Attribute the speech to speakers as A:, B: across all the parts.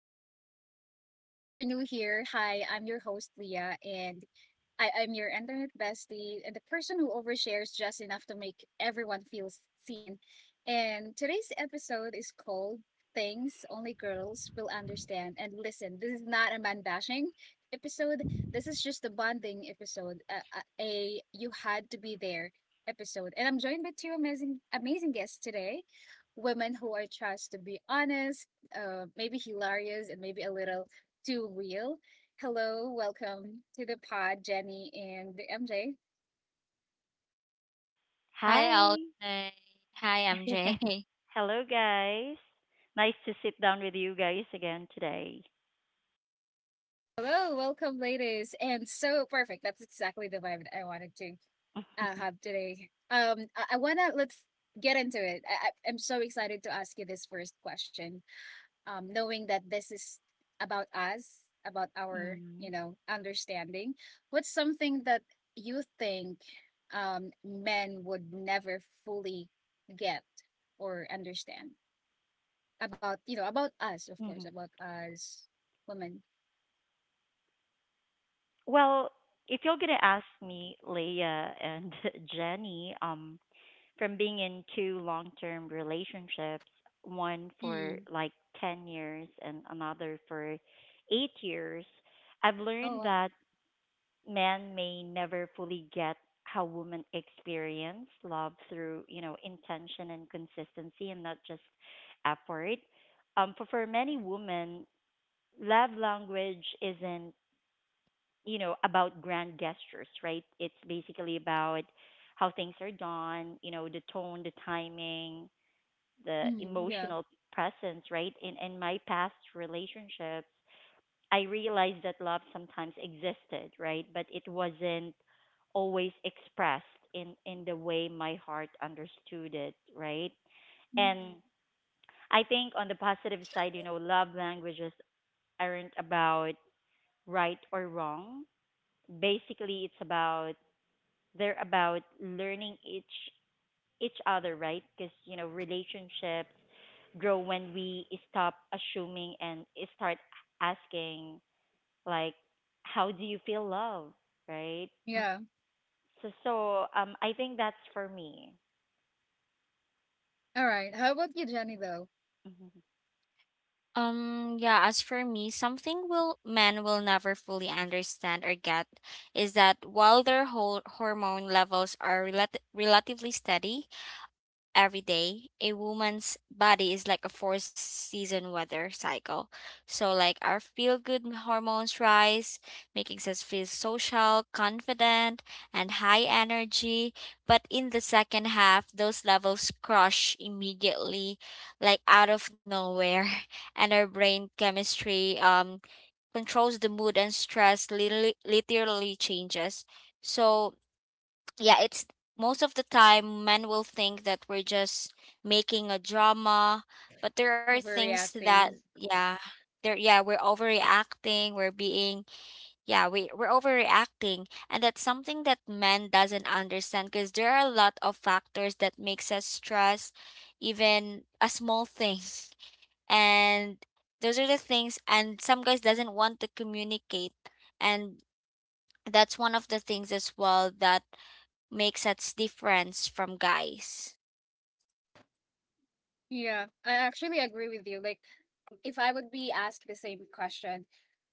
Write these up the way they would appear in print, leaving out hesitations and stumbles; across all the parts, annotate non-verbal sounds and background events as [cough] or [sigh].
A: back to the podcast. If you're new here, hi, I'm your host, Leah, and I'm your internet bestie and the person who overshares just enough to make everyone feel seen. And today's episode is called Things Only Girls Will Understand. And listen, this is not a man bashing episode. This is just a bonding episode, a you had to be there episode. And I'm joined by two amazing, amazing guests today, women who I trust to be honest, maybe hilarious, and maybe a little too real. Hello, welcome to the pod, Jenny and MJ.
B: Hi,
C: Hi.
B: Alvin. Hi, MJ.
C: [laughs]
B: [laughs]
C: Hello, guys. Nice to sit down with you guys again today.
A: Hello, welcome, ladies. And so perfect. That's exactly the vibe I wanted to have today. I wanna, let's get into it. I'm so excited to ask you this first question. Knowing that this is about us, about our,
C: hmm
A: you know, understanding. What's something that you think men would never fully get or understand? About, you know, about us, of course,
C: hmm
A: about us women.
C: Well, if you're gonna ask me, Leah and [laughs] Jenny, from being in two long-term relationships, one for
A: Mm.
C: like 10 years and another for 8 years, I've
A: Oh,
C: learned
A: wow.
C: that men may never fully get how women experience love through you know intention and consistency and not just effort, for many women love language isn't you know about grand gestures, right? It's basically about how things are done, you know, the tone, the timing, the
A: Mm, yeah.
C: emotional presence, right? In my past relationships I realized that love sometimes existed, right? But it wasn't always expressed in the way my heart understood it, right?
A: Mm,
C: And I think on the positive side, you know, love languages aren't about right or wrong. Basically, it's about they're about learning each other, right? Because you know, relationships grow when we stop assuming and start asking, like, how do you feel love, right?
B: Mm.
A: yeah.
C: So I think that's for me.
A: All right. How about you, Jenny, though?
C: hmm
B: Yeah, as for me, something will men will never fully understand or get is that while their whole hormone levels are relatively steady, every day, a woman's body is like a four season weather cycle. So, like, our feel good hormones rise, making us feel social, confident, and high energy. But in the second half, those levels crush immediately, like out of nowhere. [laughs] And our brain chemistry controls the mood and stress, literally changes. So, yeah, it's most of the time men will think that we're just making a drama, but there are things that
A: Overreacting.
B: yeah, there yeah, we're overreacting, we're being yeah, we're overreacting, and that's something that men doesn't understand because there are a lot of factors that makes us stress even a small thing. [laughs] And those are the things, and some guys doesn't want to communicate, and that's one of the things as well that makes us difference from guys.
A: Yeah, I actually agree with you. Like, if I would be asked the same question,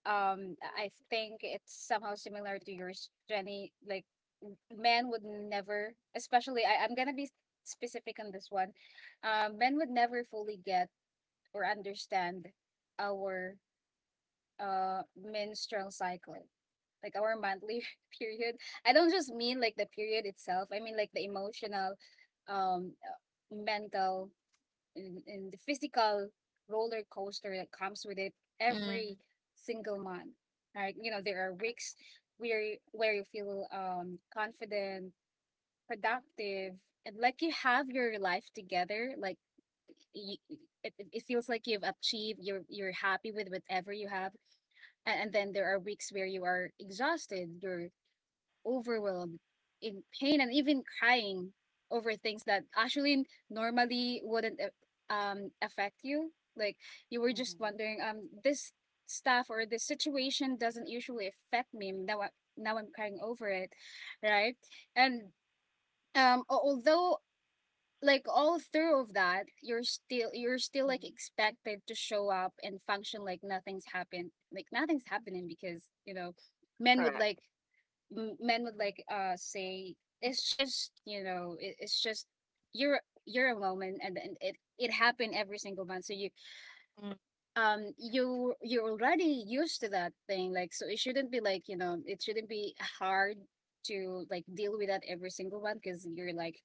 A: I think it's somehow similar to yours, Jenny. Like, men would never, especially, I'm gonna be specific on this one. Men would never fully get or understand our menstrual cycle, like our monthly [laughs] period. I don't just mean like the period itself, I mean like the emotional, mental, and the physical roller coaster that comes with it
B: Mm,
A: every single month. Right, you know there are weeks where where you feel confident, productive, and like you have your life together. Like you, it it feels like you've achieved, you're happy with whatever you have. And then there are weeks where you are exhausted, you're overwhelmed, in pain, and even crying over things that actually normally wouldn't affect you. Like, you were just
C: hmm
A: wondering, um, this stuff or this situation doesn't usually affect me, now I'm crying over it, right? And although, like, all through of that you're still, you're still like expected to show up and function like nothing's happened, like nothing's happening. Because, you know, men would
B: correct.
A: like, men would like say, it's just, you know, it's just you're a woman, and it it happened every single month. So you,
B: Mm,
A: you, you're already used to that thing, like, so it shouldn't be like, you know, it shouldn't be hard to like deal with that every single one, because you're like,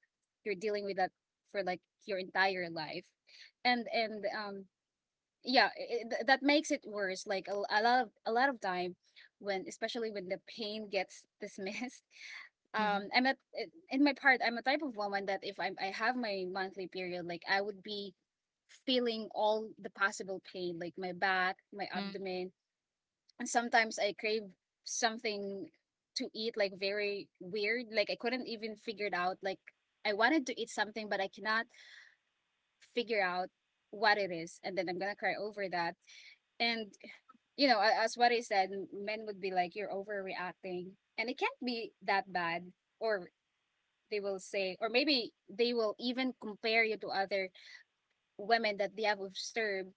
A: you're dealing with that for like your entire life. And yeah, that makes it worse, like a, a lot of time, when, especially when the pain gets dismissed. [laughs]
B: hmm
A: Um, I'm at in my part, I'm a type of woman that, if I'm, I have my monthly period, like, I would be feeling all the possible pain, like my back, my
B: mm,
A: abdomen, and sometimes I crave something to eat, like, very weird, like I couldn't even figure it out. Like, I wanted to eat something but I cannot figure out what it is, and then I'm gonna cry over that. And, you know, as what I said, men would be like, you're overreacting and it can't be that bad. Or, they will say, or maybe they will even compare you to other women that they have observed,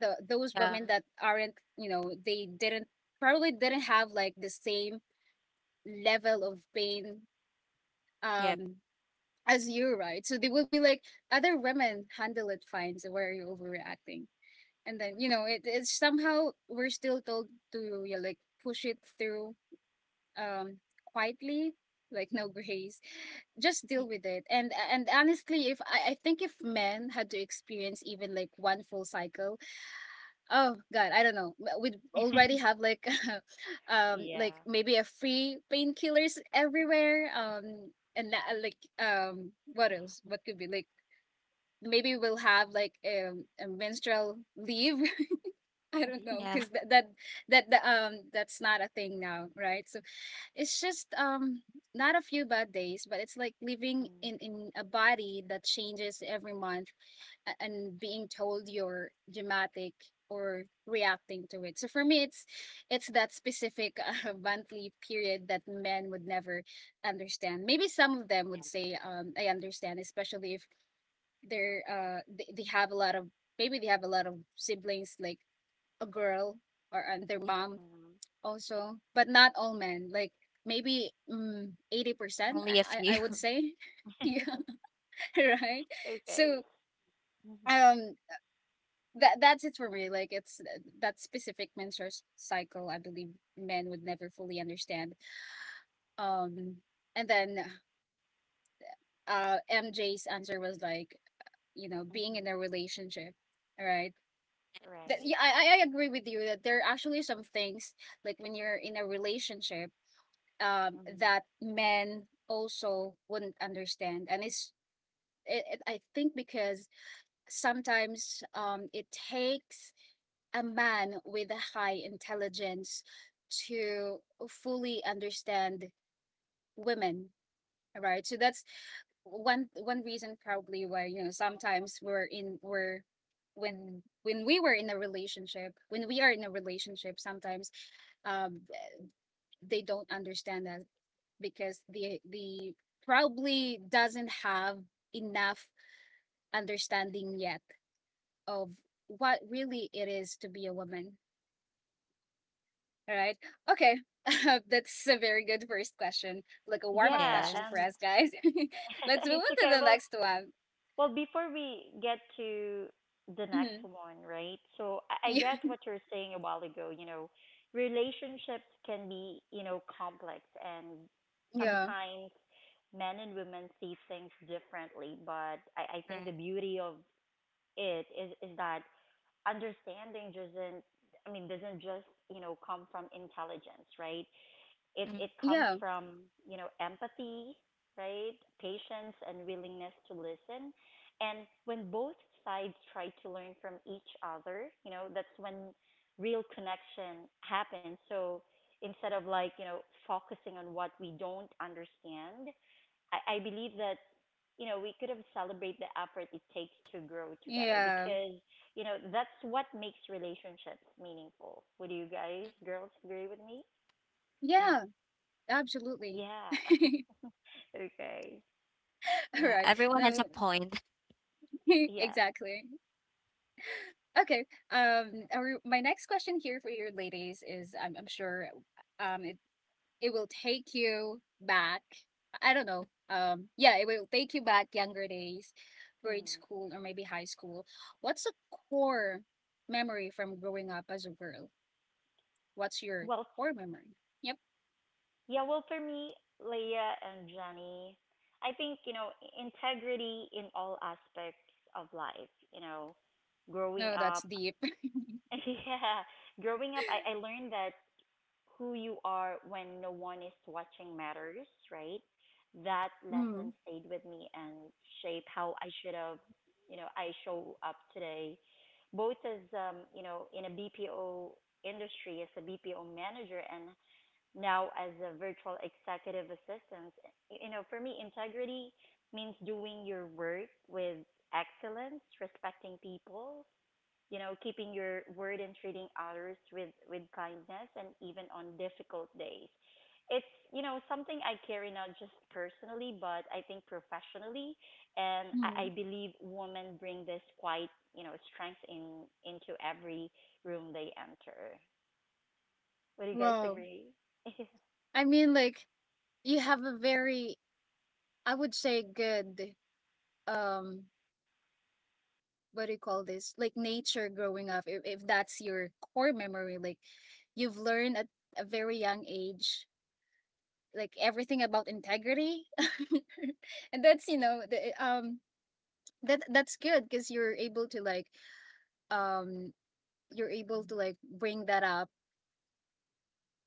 A: the those
B: yeah.
A: women that aren't, you know, they didn't probably didn't have like the same level of pain,
B: Yep.
A: um, as you, right? So they will be like, other women handle it fine, so why are you overreacting? And then, you know, it, it's somehow we're still told to, yeah, like push it through, um, quietly, like, no grace, just
B: Mm,
A: deal with it. And honestly, if I, I think if men had to experience even like one full cycle, oh god, I don't know, we'd already have like, [laughs] um, like,
C: yeah.
A: maybe a free painkillers everywhere, um, and like, um, what else? What could be like, maybe we'll have like, a menstrual leave, I don't know,
B: yeah.
A: because
B: [laughs]
A: that's not a thing now, right? So it's just, um, not a few bad days, but it's like living in a body that changes every month, and being told you're dramatic or reacting to it. So for me, it's that specific [laughs] monthly period that men would never understand. Maybe some of them
B: Yeah.
A: would say, I understand, especially if they're they have a lot of, maybe they have a lot of siblings, like a girl, or and their
B: Yeah.
A: mom
C: hmm
A: also. But not all men. Like, maybe, 80%,
B: Only a
A: I
B: few.
A: I I would say, [laughs] yeah, [laughs] right.
C: okay.
A: So, um, that that's it for me. Like, it's that specific menstrual cycle, I believe men would never fully understand. Um, and then, MJ's answer was like, you know, being in a relationship, right? That,
C: Right.
A: yeah, I agree with you that there are actually some things, like, when you're in a relationship, that men also wouldn't understand. And it's, I think, because sometimes, it takes a man with a high intelligence to fully understand women, right? So that's one reason probably why, you know, sometimes we're in we're when we were in a relationship, when we are in a relationship, sometimes, um, they don't understand us because they probably doesn't have enough understanding yet of what really it is to be a woman. All right. Okay. [laughs] That's a very good first question, like a
B: [laughs]
A: warm up
C: Yeah.
B: Yes.
A: question for
C: And
A: us guys. [laughs] Let's
C: [laughs]
A: move
C: it's
A: on to
C: okay.
A: the
C: well
A: next one.
C: well before we get to the next
A: Mhm.
C: one, right? So I
A: Yeah.
C: get what you're saying a while ago, you know, relationships can be, you know, complex and
A: Yeah.
B: Mm,
C: sometimes men and women see things differently, but I think
B: right.
C: the beauty of it is that understanding doesn't, I mean, doesn't just, you know, come from intelligence, right? It
B: Mm,
C: comes
A: Yeah.
C: from you know empathy, right? Patience and willingness to listen, and when both sides try to learn from each other, you know that's when real connection happens. So instead of like you know focusing on what we don't understand, I believe that you know we could have celebrated the effort it takes to grow together
A: Yeah.
C: because you know that's what makes relationships meaningful. Would you guys, girls, agree with me?
B: uh,
A: Yeah. Absolutely.
C: Yeah.
A: [laughs]
C: [laughs] Okay. Yep.
A: All
B: yeah.
A: right.
B: Everyone has a
A: Then
B: point.
A: [laughs]
C: Yeah.
A: exactly. Okay. My next question here for you ladies is, I'm sure, um, it, it will take you back. I don't know, um, yeah, it will take you back younger days, grade school, or maybe high school. What's a core memory from growing up as a girl? What's your
C: Well,
A: core memory? Yep.
C: yeah. Well, for me, Leah and Jenny, I think, you know, integrity in all aspects of life. You know, growing
A: No, that's
C: up.
A: deep. [laughs]
C: [laughs] Yeah, growing up, I learned that who you are when no one is watching matters, right? That lesson
A: Mm,
C: stayed with me and shaped how I should have, you know, I show up today, both as, you know, in a BPO industry as a BPO manager and now as a virtual executive assistant. You know, for me, integrity means doing your work with excellence, respecting people, you know, keeping your word and treating others with kindness and even on difficult days. It's, you know, something I carry not just personally, but I think professionally. And I
A: mm.
C: believe women bring this quite, you know, strength in into every room they enter. Would you guys
A: Well,
C: agree? [laughs]
A: I mean, like, you have a very, I would say, good, um, what do you call this, like, nature growing up, if that's your core memory. Like, you've learned at a very young age like everything about integrity. [laughs] And that's, you know, the, um, that that's good because you're able to like, um, you're able to like bring that up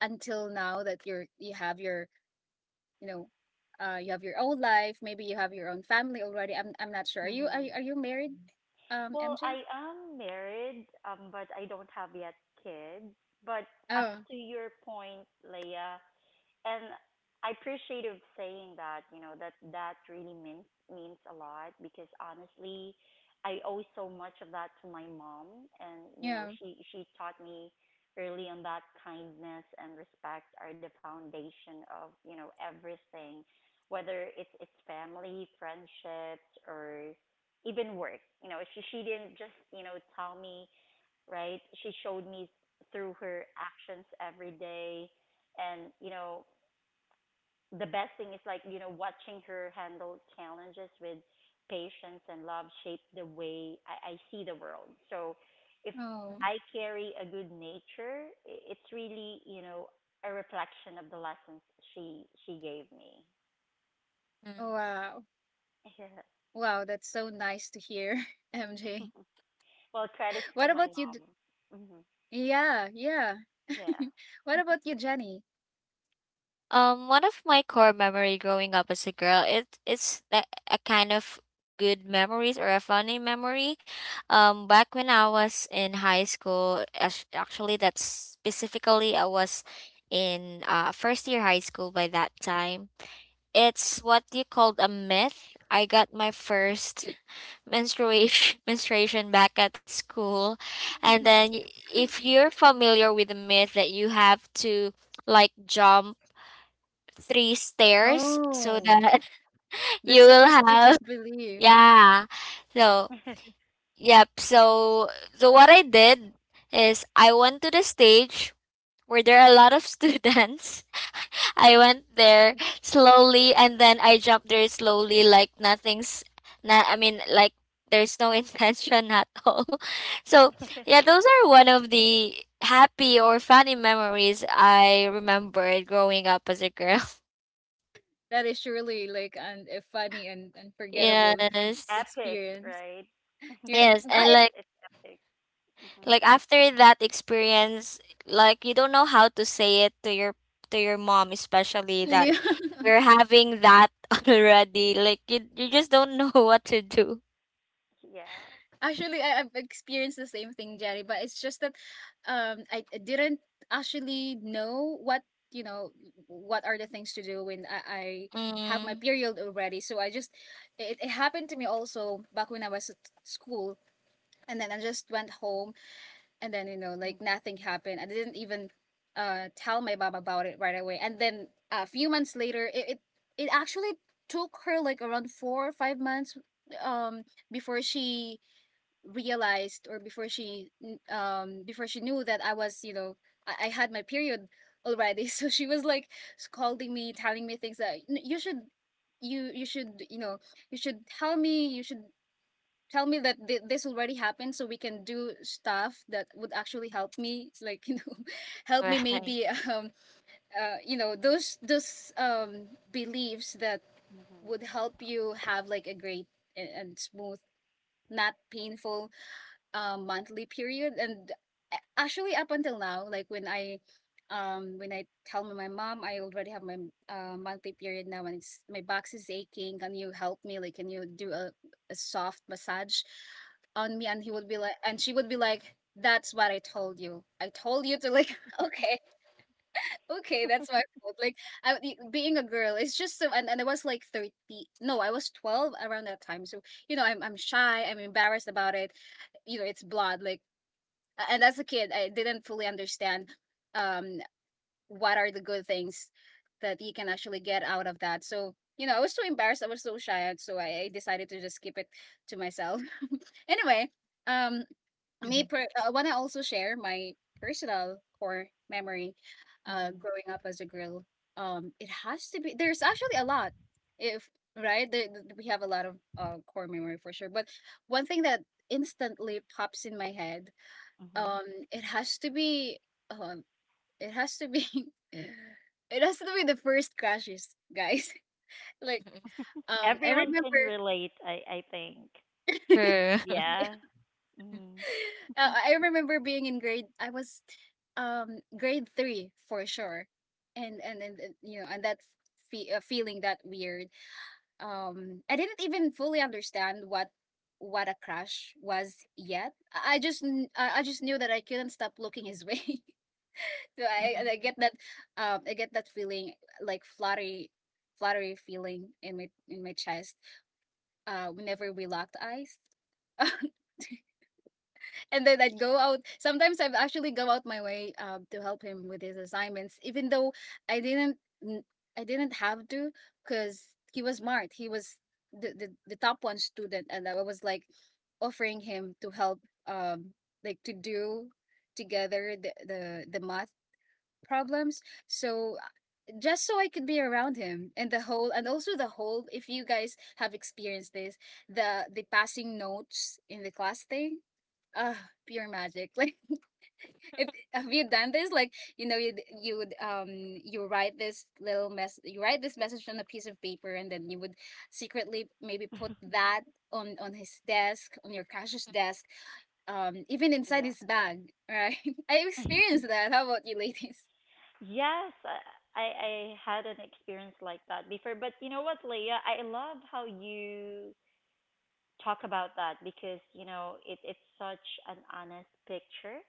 A: until now, that you're, you have your, you know, uh, you have your own life, maybe you have your own family already. I'm not sure, are you,
C: Mm-hmm.
A: are you married, um,
C: Well,
A: MJ?
C: I am married, but I don't have yet kids. But as
A: Oh.
C: to your point, Leia, and I appreciate of saying that, you know, that that really means a lot because honestly, I owe so much of that to my mom and you know,
A: Yeah.
C: she taught me early on that kindness and respect are the foundation of, you know, everything, whether it's family, friendships or even work. You know, she didn't just, you know, tell me, right? She showed me through her actions every day, and you know the best thing is like you know watching her handle challenges with patience and love shape the way I see the world. So if
A: Oh.
C: I
B: [laughs]
C: carry a good nature, it's really you know a reflection of the lessons she gave me.
B: Mm,
A: Oh,
B: mm.
A: wow.
C: [laughs] Yeah.
A: Wow, that's so nice to hear, [laughs] MJ.
C: Well, credits
A: What
C: to my
A: about you? D-
C: mom. hmm
A: Yeah, yeah.
C: Yeah,
A: [laughs] What about you, Jenny?
B: One of my core memory growing up as a girl, it's a kind of good memories or a funny memory. Back when I was in high school, actually, that's specifically I was in first year high school by that time. It's what you called a myth. I got my first menstruation [laughs] menstruation back at school, and then if you're familiar with the myth that you have to like jump 3 stairs so
A: Oh,
B: that [laughs] you
A: that's a
B: will have
A: prestigious belief.
B: yeah. So, yep. So, so what I did is I went to the stage where there are a lot of students. [laughs] I went there slowly and then I jumped there slowly like nothing's not, I mean like there's no [laughs] intention at all. So, yeah, those are one of the happy or funny memories I remembered growing up as a girl.
A: That is surely like an, a funny and
B: [laughs]
A: unforgettable
C: [laughs] and
A: [laughs]
B: Yes.
C: epic,
A: experience.
C: right?
A: You're,
B: Yes,
C: It's
B: and
A: I,
C: it's epic. hmm
B: like after that experience, like you don't know how to say it to your mom, especially that
A: [laughs]
B: you're having that [laughs] already. Like you just don't [laughs] know what to do.
C: Yeah.
A: Actually, I've experienced the same thing, Jerry, but it's just that, um, I didn't actually know what, you know, what are the things to do when I have my
B: Mm,
A: period already. So I just, it happened to me also back when I was at school, and then I just went home, and then, you know, like nothing happened. I didn't even tell my mom about it right away. And then a few months later it actually took her like around 4 or 5 months um before she realized, or before she knew that I was I had my period already, [laughs] so she was like scolding me, telling me things that, "You should you should, you should tell me, you should tell me that this already happened, so we can do stuff that would actually help me, like [laughs] help me
B: right.
A: maybe you know those beliefs that would help you have like a great and smooth, not painful, monthly period." And actually, up until now, like when I when I tell my mom I already have my monthly period now, and it's my box is aching, can you help me? Like, can you do a soft massage on me? And he would be like and she would be like, "That's what I told you. I told you to, like, [laughs] okay, okay, that's my fault." Like being a girl, it's just so, and I was like 30. No, I was 12 around that time. So, you know, I'm shy, I'm embarrassed about it. You know, it's blood, like, and as a kid, I didn't fully understand um, what are the good things that you can actually get out of that. So, you know, I was so embarrassed, I was so shy, and so I decided to just keep it to myself. [laughs] Anyway, um,
B: [laughs]
A: I want to also share my personal core memory
C: hmm
A: growing up as a girl. It has to be, there's actually a lot. If, right? There, we have a lot of core memory for sure. But one thing that instantly pops in my head,
C: hmm
A: um it has to be, um it has to be, [laughs] it has to be the first crashes, guys. [laughs] Like, I
C: Everyone can
A: remember,
C: relate. I think.
A: [laughs] yeah,
B: True. [laughs]
C: Yeah. hmm
A: I remember being in grade, I was grade 3 for sure. And you know, and that feeling, that weird, I didn't even fully understand what a crash was yet. I just kn- I just knew that I couldn't stop looking his [laughs] way.
B: Mm-mm.
A: I get that, I get that feeling, like fluttery, fluttery feeling in my, in my chest whenever we locked eyes. [laughs] And then I'd go out. Sometimes I'd actually go out my way to help him with his assignments, even though I didn't, n- I didn't have to, because he was smart. He was the, the top one student, and I was like offering him to help, um like to do together the, the math problems. So, just so I could be around him. And also the whole, if you guys have experienced this, the passing notes in the class thing. Uh, pure magic. [laughs] Like, if, have you done this? Like, you know, you would, you write this little mess you write this message on a piece of paper, and then you would secretly maybe put that on his desk, on your crush's desk, even inside
C: Yeah.
A: his bag, right? [laughs] I experienced that. How about you, ladies? [laughs]
C: Yes, I had an experience like that before, but you know what, Leah, I love how you talk about that because you know it's such an honest picture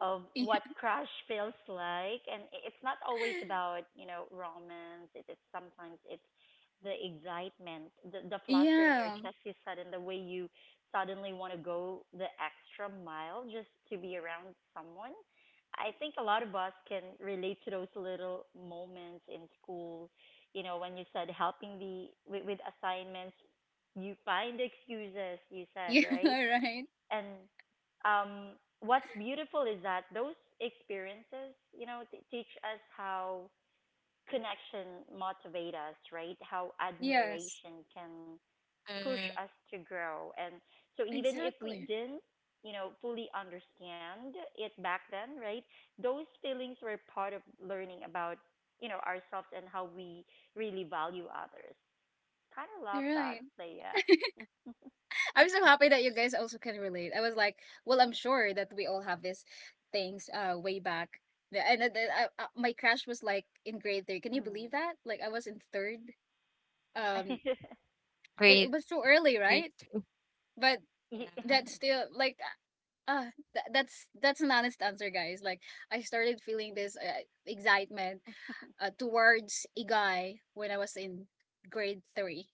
C: of
A: Yeah.
C: what crush feels like and it's not always
A: [laughs]
C: about you know romance, it is sometimes it's the excitement, the flutter in your
A: Yeah.
C: chest you said and the way you suddenly want to go the extra mile just to be around someone. I think a lot of us can relate to those little moments in school, you know, when you said helping the with assignments, you find excuses, you said,
A: Yeah,
C: right?
A: [laughs] right.
C: And what's beautiful is that those experiences, you know, teach us how connection motivate us, right? How
A: Yes.
C: admiration can push us to grow. And so even if we
A: Exactly.
C: didn't, you know, fully understand it back then, right? Those feelings were part of learning about, you know, ourselves and how we really value others. Kind of love
A: You're
C: that,
A: right.
C: Leia.
A: I'm so happy that you guys also can relate. I was like, well, I'm sure that we all have these things way back. And then my crash was like in grade 3. Can you believe that? Like, I was in 3rd. Um,
C: [laughs]
B: Great,
A: it was so early,
B: great.
A: right? But
C: Yeah.
B: Yeah.
A: that's still like, that's an honest answer, guys. Like, I started feeling this excitement towards a guy when I was in grade 3.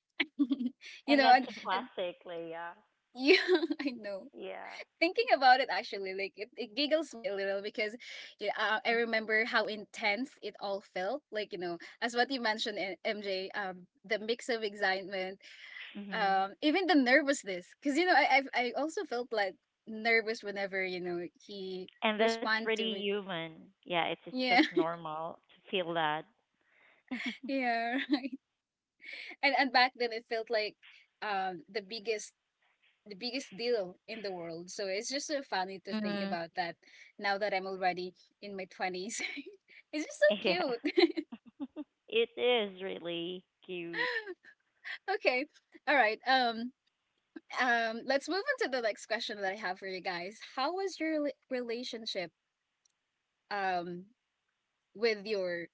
A: [laughs] You
C: And
A: know,
C: that's
A: and,
C: a
B: [laughs]
A: and
C: classic, Leia.
A: you, [laughs] I know.
C: Yeah.
A: Thinking about it, actually, like, it giggles me a little because, yeah, I remember how intense it all felt. Like, you know, as what you mentioned, eh, MJ, the mix of excitement,
C: hmm
A: even the nervousness. Because, you know, I also felt like nervous whenever, you know, he
C: And that's
A: responded
C: pretty
A: to me.
C: human. Yeah, it's just
A: Yeah,
C: normal to feel that. [laughs]
A: [laughs] yeah. [laughs] And back then, it felt like the biggest, the biggest deal in the world. So it's just so funny to think
B: Mm,
A: about that now that I'm already in my 20s. [laughs] It's just so
C: Yeah,
A: cute.
C: it is really cute.
A: [laughs] Okay. All right. Let's move on to the next question that I have for you guys. How was your relationship um with your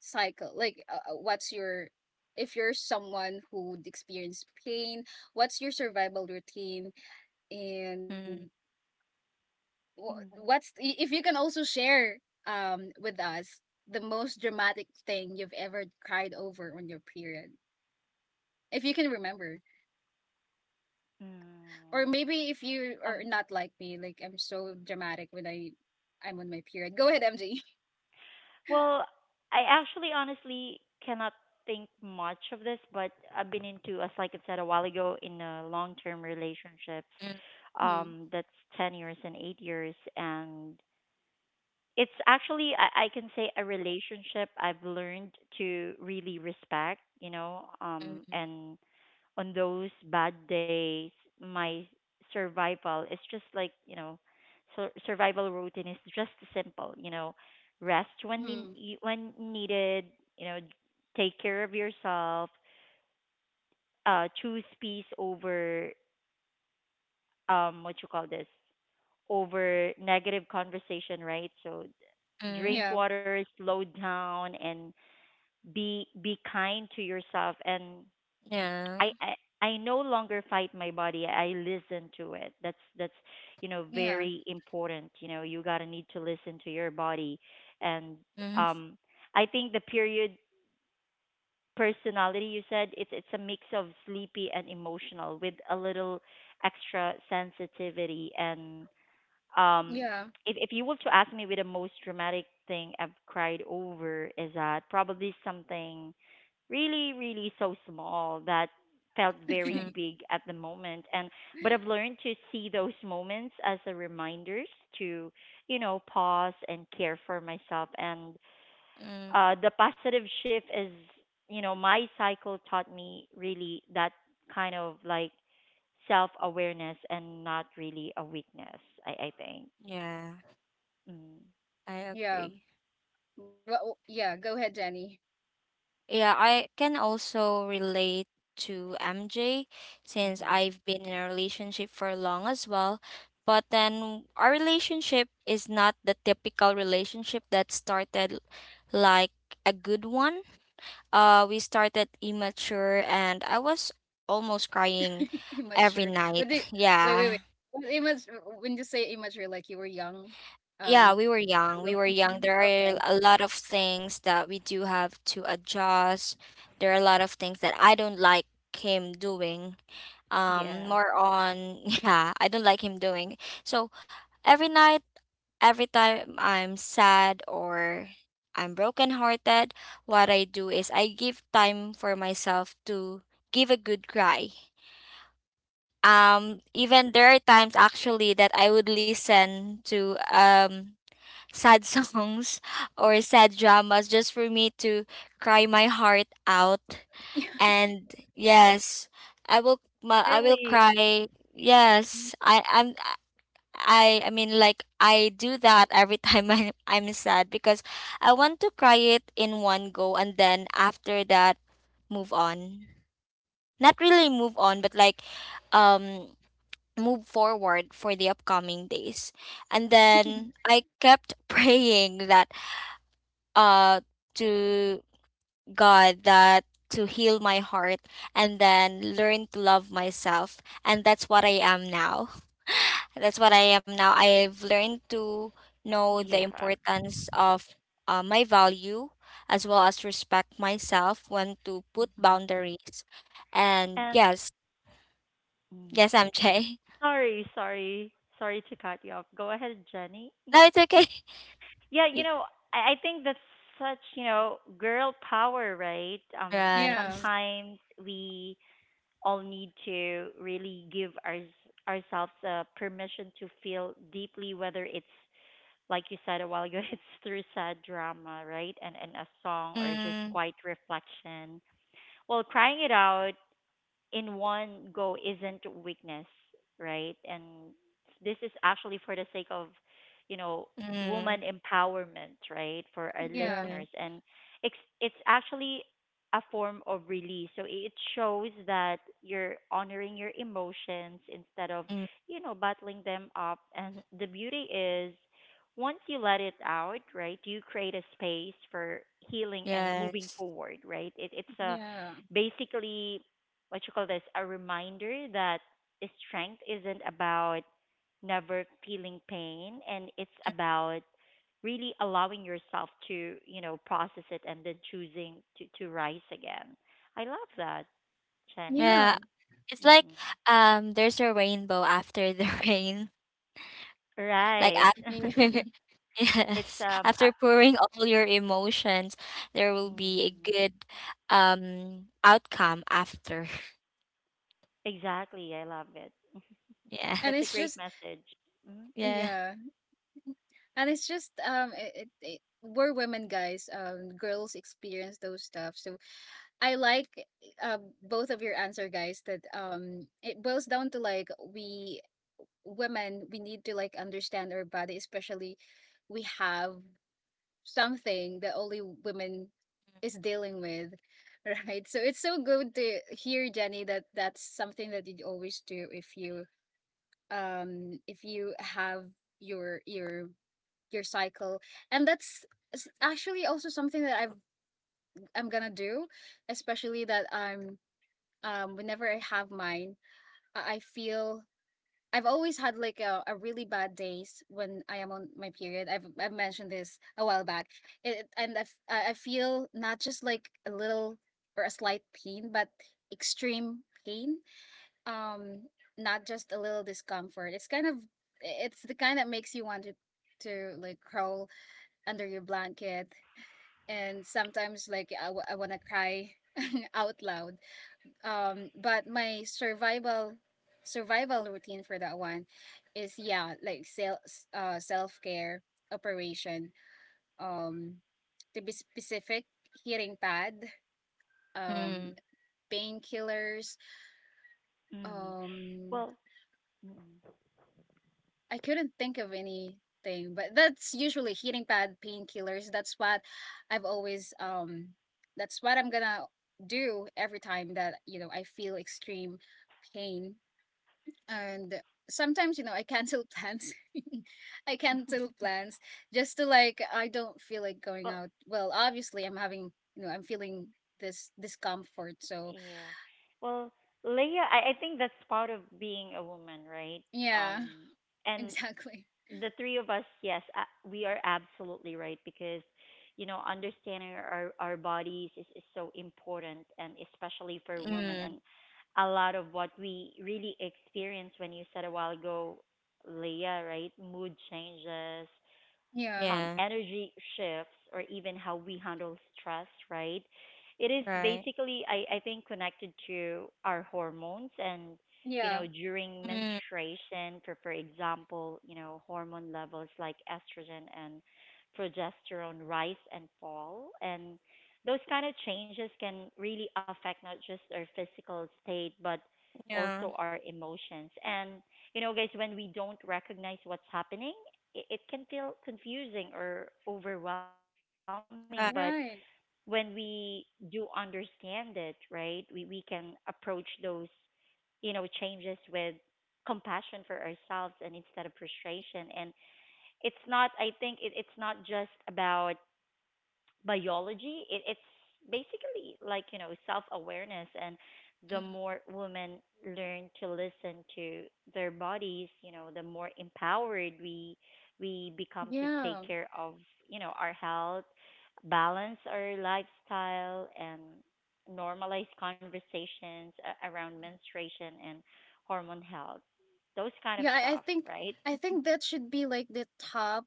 A: cycle? Like, what's your, if you're someone who would experience pain, what's your survival routine? And
B: mm,
C: Mhm.
A: what's, if you can also share with us the most dramatic thing you've ever cried over on your period, if you can remember. Or
C: Mm.
A: maybe, if you are
C: Um,
A: not like me, like, I'm so dramatic when I, I'm on my period. Go ahead, MG.
C: well, I actually honestly cannot think much of this, but I've been into, as like I said a while ago, in long-term relationships.
B: mm,
A: Mm
C: That's 10 years and 8 years, and it's actually, I can say a relationship I've learned to really respect, you know, um,
B: mm,
C: and on those bad days my survival is just like, you know, survival routine is just simple, you know, rest when
A: hmm.
C: when needed, you know, take care of yourself, uh, choose peace over, um, what you call this, over negative conversation, right? So
A: [laughs]
B: mm.
C: drink
A: Yeah,
C: water, slow down, and be kind to yourself. And
B: Yeah.
C: I no longer fight my body. I listen to it. That's you know
A: yeah,
C: very important. You know you gotta need to listen to your body, and
B: Mm,
C: um I think the period personality you said it's a mix of sleepy and emotional with a little extra sensitivity, and um
A: yeah.
C: if you were to ask me with the most dramatic thing I've cried over is that probably something really so small that felt
B: mm,
C: very
A: [laughs]
C: big at the moment, and but I've learned to see those moments as a reminders to you know pause and care for myself. And
B: mm.
C: the positive shift is, you know, my cycle taught me really that kind of like self awareness and not really a weakness, I think.
B: Yeah,
C: Mm.
B: I
A: Yeah,
B: agree.
A: well, yeah, go ahead, Jenny.
B: Yeah, I can also relate to MJ since
C: hmm
B: I've been in a relationship for long as well. But then our relationship is not the typical relationship that started like a good one. We started immature and I was almost crying
A: [laughs]
B: every
A: Immature? But
B: night.
A: the,
B: [laughs]
A: wait, wait, wait.
B: Yeah.
A: Well, immature, when you say immature, like, you were young,
B: Yeah,
A: um
B: we were young.
A: below
B: We were young.
A: 18,
B: There
A: okay?
B: are a lot of things that we do have to adjust. There are a lot of things that I don't like him doing.
C: Yeah,
B: More on, [laughs] yeah, I don't like him doing. So every night, every time I'm sad or I'm brokenhearted, what I do is I give time for myself to give a good cry. Even there are times actually that I would listen to sad songs [laughs] or sad dramas just for me to cry my heart out.
A: [laughs]
B: And yes, I will
C: really.
B: cry. Yes, I mean like I do that every time [laughs] I I'm sad because I want to cry it in one go and then after that move on. Not really move on, but like um move forward for the upcoming days. And then I kept [laughs] praying that uh to God that to heal my heart and then learn to love myself, and that's what I am now. That's what I am now. I've learned to know the
C: Yeah.
B: importance of my value as well as respect myself when to put
C: hmm
B: boundaries. And
C: And
B: yes,
C: mm,
B: yes, I'm Jay. [laughs]
C: sorry, sorry, sorry to cut you off. Go ahead, Jenny.
B: No, it's okay.
C: Yeah, you
B: You c-
C: know, I think that's such, you know, girl power, right?
A: Yeah.
B: Right.
C: Sometimes we all need to really give ourselves permission to feel deeply, whether it's like you said [laughs] a while ago, [laughs] it's through sad drama, right? And a song or just
B: Mm,
C: quiet reflection. While crying it out in one go isn't weakness, right? And this is actually for the sake of, you know, woman
B: mm,
C: empowerment, right, for our
A: Yeah,
B: right.
C: listeners. And it's actually a form of release. So it shows that you're honoring your emotions instead of,
B: Mm,
C: you know, bottling them up. And the beauty is once you let it out, right, you create a space for healing and moving
B: yes.
C: forward, right? It's a
A: yeah,
C: basically what you call this a reminder that strength isn't about never feeling pain, and it's about really allowing yourself to you know process it and then choosing to rise again. I love that, Jenny.
B: Yeah,
A: yeah.
B: it's
C: [laughs]
B: like
C: Mm.
B: there's a rainbow after the [laughs] rain.
C: Right.
B: Like
C: [laughs]
B: after
A: [laughs]
B: [laughs]
C: It's
B: yes, after pouring all your emotions, there will be a
C: mm,
B: good outcome after. [laughs]
C: exactly, I love it.
A: and
C: That's a
A: it's
B: Yes.
C: great
A: just
C: message. Mm-hmm.
B: Yeah.
A: yeah, and it's just it, we're women, guys. Girls experience those stuff. So I like, both of your answer, guys. That, it boils down to like, we women, we need to like understand our body, especially we have something that only women is dealing with. [laughs] Right, so it's so good to hear, Jenny, that that's something that you always do if you, if you have your, your cycle. And that's, actually also something that I've, I'm gonna do, especially that I'm, whenever I have mine, I feel, I've always had like a really bad days when I am on my period. I've mentioned this a while back, and I I feel not just like a little or a slight pain, but extreme pain, um not just a little discomfort. It's kind of, it's the kind that makes you want to like crawl under your blanket, and sometimes like I want to cry [laughs] out loud. But my survival, survival routine for that one is, yeah, like self, self-care operation. Um, to be specific, hearing pad, um
B: Mm.
A: painkillers,
C: Mm-hmm.
A: um
C: Well, mm,
A: I couldn't think of anything, but that's usually heating pad, painkillers. That's what I've always that's what I'm gonna do every time that, you know, I feel extreme pain. And sometimes, you know, I cancel plans. [laughs] I cancel plans, just to like, I don't feel like going
C: well.
A: out. Well, obviously I'm having, you know, I'm feeling this discomfort. So,
C: Yeah. Well, Leah, I think that's part of being a woman, right?
A: yeah,
C: Um, and
A: [laughs] exactly.
C: the three of us, yes, we are absolutely right because, you know, understanding our bodies is so important, and especially for women.
B: Mm.
C: And a lot of what we really experience when you said a while ago, Leah, right? Mood changes,
A: Yeah.
B: Yeah.
C: energy shifts or even how we handle stress, right? It is
B: Right.
C: basically, I think, connected to our hormones, and, you
A: Yeah.
C: know, during
B: Mm.
C: menstruation, for example, you know, hormone levels like estrogen and progesterone rise and fall. And those kind of changes can really affect not just our physical state, but also
B: Yeah.
C: our emotions. And you know, guys, when we don't recognize what's happening, it can feel confusing or overwhelming. But
B: Right.
C: when
A: Right.
C: we do understand it, right, we can approach those, you know, changes with compassion for ourselves and instead of frustration. And it's not, I think it's not just about biology, it's basically like you know self awareness, and the more
B: Mm.
C: women learn to listen to their bodies, you know the more empowered we become to take
A: Yeah.
C: care of, you know, our health, balance our lifestyle, and normalize conversations around menstruation and hormone health, those kind of
A: Yeah, I, I
C: stuff,
A: think
C: right?
A: I think that should be like the top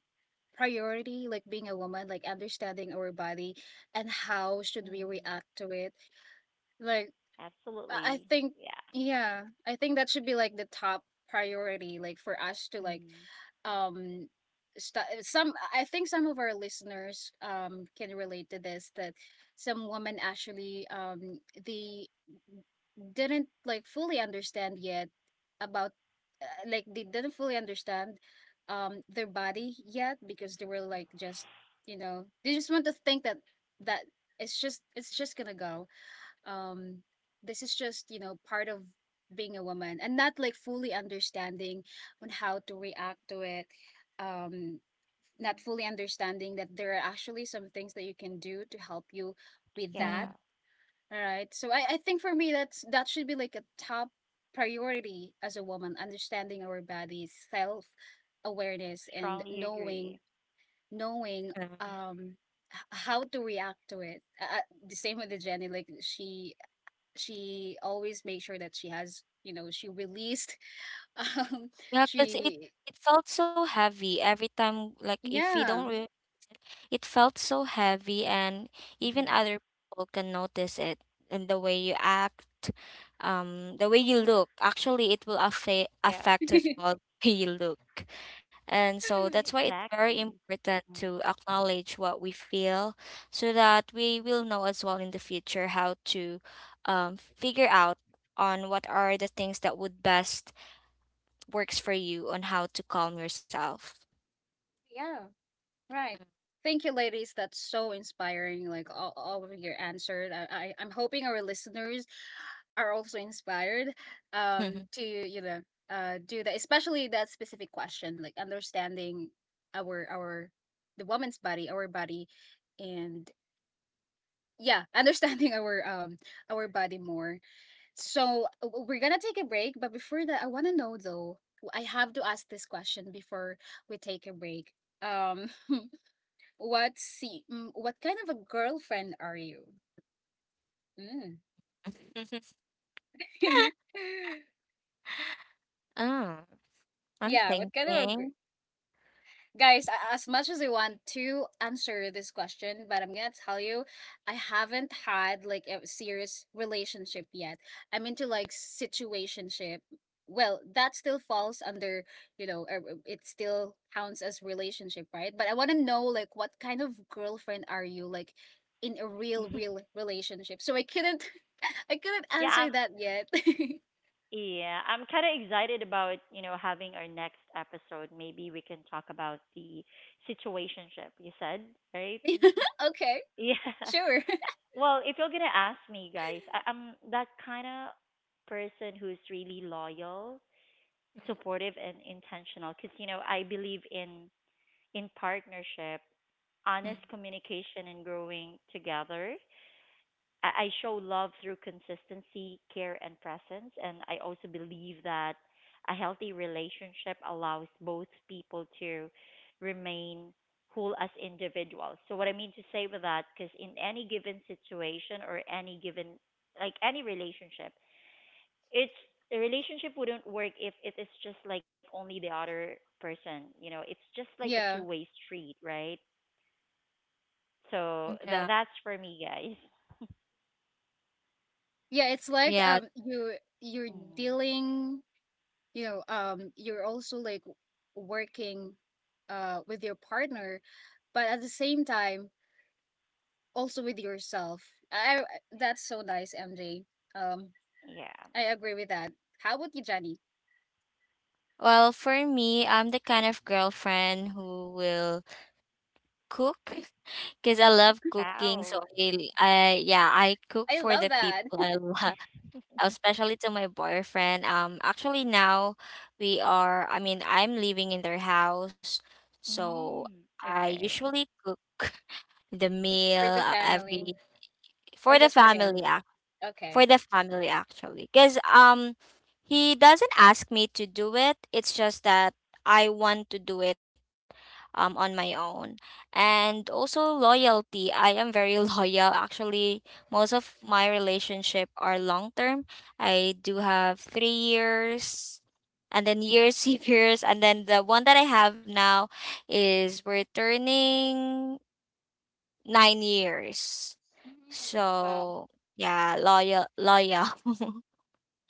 A: priority, like, being a woman, like understanding our body and how should we
C: Mm,
A: react to it. Like, I
C: absolutely.
A: think,
C: Yeah.
A: yeah, I think that should be like the top priority, like, for us to like,
C: Mm,
A: um some, I think some of our listeners can relate to this, that some women actually, they didn't like fully understand yet about, like, they didn't fully understand their body yet, because they were like, just, you know, they just want to think that, that it's just, it's just gonna go, um this is just, you know, part of being a woman, and not like fully understanding on how to react to it, um not fully understanding that there are actually some things that you can do to help you with
C: yeah.
A: that.
B: Mm.
A: All right, so I think for me, that's, that should be like a top priority as a woman, understanding our bodies, self awareness, and
C: Strongly agree.
A: knowing, knowing
B: Yeah.
A: um h- how to react to it. The same with the Jenny, like, she always makes sure that she has, you know, she released [laughs] um
B: Yeah, because it
A: she,
B: it felt so heavy every time. Like if you don't
A: yeah.
B: really, it felt so heavy, and even other people can notice it and the way you act, the way you look. Actually, it will
C: Yeah,
B: affect as well [laughs] the way you look, and so that's why it's
A: [laughs]
B: very
C: exactly.
B: important to acknowledge what we feel, so that we will know as well in the future how to, figure out on what are the things that would best works for you on how to calm yourself?
A: Yeah, right. Thank you, ladies. That's so inspiring. Like, all of your answers. I I'm hoping our listeners are also inspired
B: Mm.
A: to, you know, do that, especially that specific question, like, understanding our, the woman's body, our body. And, yeah, understanding [laughs] our, our body more. So, we're gonna take a break, but before that, I wanna know though, I have to ask this question before we take a break. Um, [laughs] what kind of a girlfriend are you? Mm.
B: [laughs]
A: [laughs]
B: Oh, I'm
A: Yeah, what kind of a
B: thinking.
A: guys, as much as I want to answer this question, but I'm gonna tell you, I haven't had like a serious relationship yet. I'm into like situationship. Well, that still falls under, you know, it still counts as relationship, right? But I want to know, like, what kind of girlfriend are you, like, in a real, real relationship? So I couldn't, [laughs] I couldn't
C: Yeah, I'm,
A: answer that yet. [laughs]
C: yeah, I'm kind of excited about, you know, having our next episode. Maybe we can talk about the situationship you said, right?
A: Okay,
C: Yeah. [laughs]
A: sure. [laughs]
C: Well, if you're going to ask me, guys, I'm that kind of person who's really loyal, supportive, and intentional because, you know, I believe in partnership,
B: Mm,
C: honest communication, and growing together. I show love through consistency, care, and presence. And I also believe that a healthy relationship allows both people to remain whole as individuals. So, what I mean to say with that, because in any given situation or any given, like any relationship, it's the relationship wouldn't work if it is just like only the other person. You know, it's just like a two
A: Yeah.
C: way street, right?
B: mm,
C: So,
B: yeah.
C: that's for me, guys.
A: Yeah, it's like,
B: Yeah.
A: um, you, you're
C: Mm.
A: dealing, you know, um, you're also like working with your partner, but at the same time, also with yourself. I I- that's so nice, MJ. Um,
C: Yeah.
A: I agree with that. How about you, Johnny?
B: Well, for me, I'm the kind of girlfriend who will cook [laughs] because I love cooking. So
C: Wow.
B: I, yeah, I cook
A: I
B: for
A: love
B: the
A: that.
B: people I love, especially to my boyfriend. Actually now we are, I mean, I'm living in their house, so
C: Mm,
B: I
C: okay.
B: usually cook [laughs] the
A: [laughs]
B: meal
A: For the family,
B: every
A: or
B: for the
A: just for him?
B: family,
A: Okay.
B: for the family actually. Because he doesn't ask me to do it. It's just that I want to do it on my own. And also loyalty. I am very [laughs] loyal. Actually, most of my relationship are long term. I do have 3 years and then years [laughs] years and then the one that I have now is we're turning 9 years.
A: Mm, wow.
B: So yeah, loyal.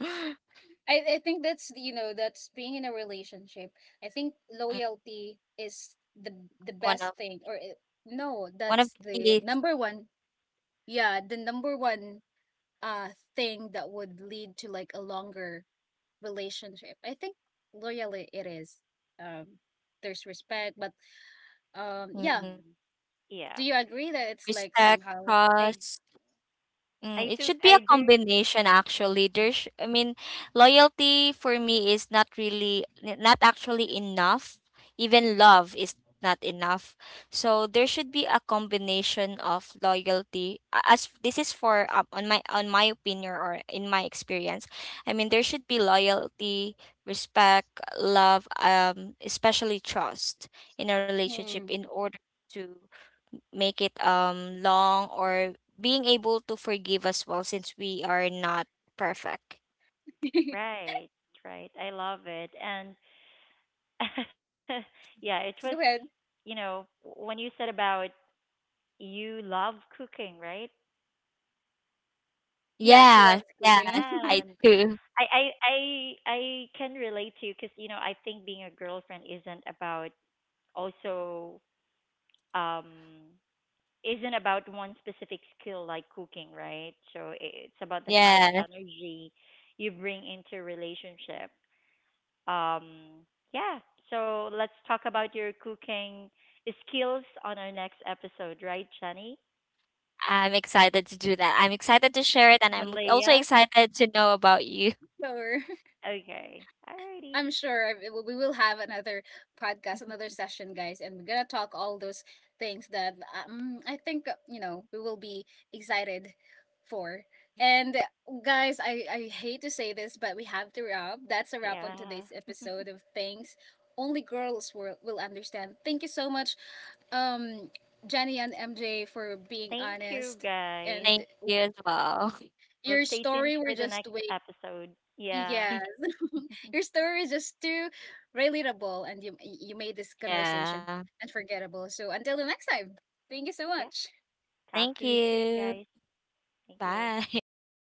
B: [laughs]
A: I think that's, you know, that's being in a relationship. I think
B: Mm,
A: loyalty is the
B: one of
A: best thing, or no,
B: one of
A: that's
B: the
A: the
B: keys.
A: number one. Yeah, the number one uh thing that would lead to like a longer relationship. I think loyalty it is. Um, there's respect, but, um,
B: Mm,
A: yeah,
C: Mm,
A: do
C: yeah.
A: you agree that it's like
B: respect,
A: somehow
C: I
B: trust. Mm,
C: I
B: it should
C: do
B: be a
C: I do
B: combination actually. There's, I mean, loyalty for me is not really, not actually enough. Even love is not enough. So there should be a combination of loyalty. As this is for on my opinion or in my experience, I mean there should be loyalty, respect, love, especially trust in a relationship
A: mm.
B: in order to make it long or being able to forgive as well since we are not perfect.
A: [laughs]
C: right, right. I love it. And [laughs] yeah, it was,
A: Go ahead.
C: you know, when you said about you love cooking, right?
A: Yeah, she
B: Yes,
A: loves cooking.
B: yes,
C: Yeah.
A: [laughs]
B: I
C: And
B: do.
C: I I I can relate to you because you know, I think being a girlfriend isn't about also um isn't about one specific skill like cooking, right? So it's about the kind of
B: Yes,
C: energy you bring into a relationship. Um, yeah. So let's talk about your cooking skills on our next episode, right, Jenny
B: I'm excited to do that. I'm excited to share it, and I'm
C: and
B: also
C: Leah?
B: excited to know about you.
A: Sure.
C: Okay. Alrighty.
A: I'm sure we will have another podcast, another session, guys, and we're gonna talk all those things that, I think, you know, we will be excited for. And, guys, I hate to say this, but we have to wrap. That's a wrap on
C: Yeah.
A: today's episode
C: [laughs]
A: of Things Only Girls Will Understand. Thank you so much, um, Jenny and MJ, for being
C: Thank you,
A: honest,
C: guys.
A: and
B: Thank you as well.
C: Well,
A: your
C: stay tuned
A: story were
C: for the
A: just
C: next
A: way,
C: episode. Yeah.
A: yes.
B: [laughs]
A: [laughs] Your story is just too relatable, and you made this
B: Yeah.
A: conversation unforgettable. So until the next time, thank you so
C: Yeah.
A: much.
B: Thank
C: Talk to you soon,
B: you.
C: guys. Thank you.
B: Bye. [laughs]
C: Bye.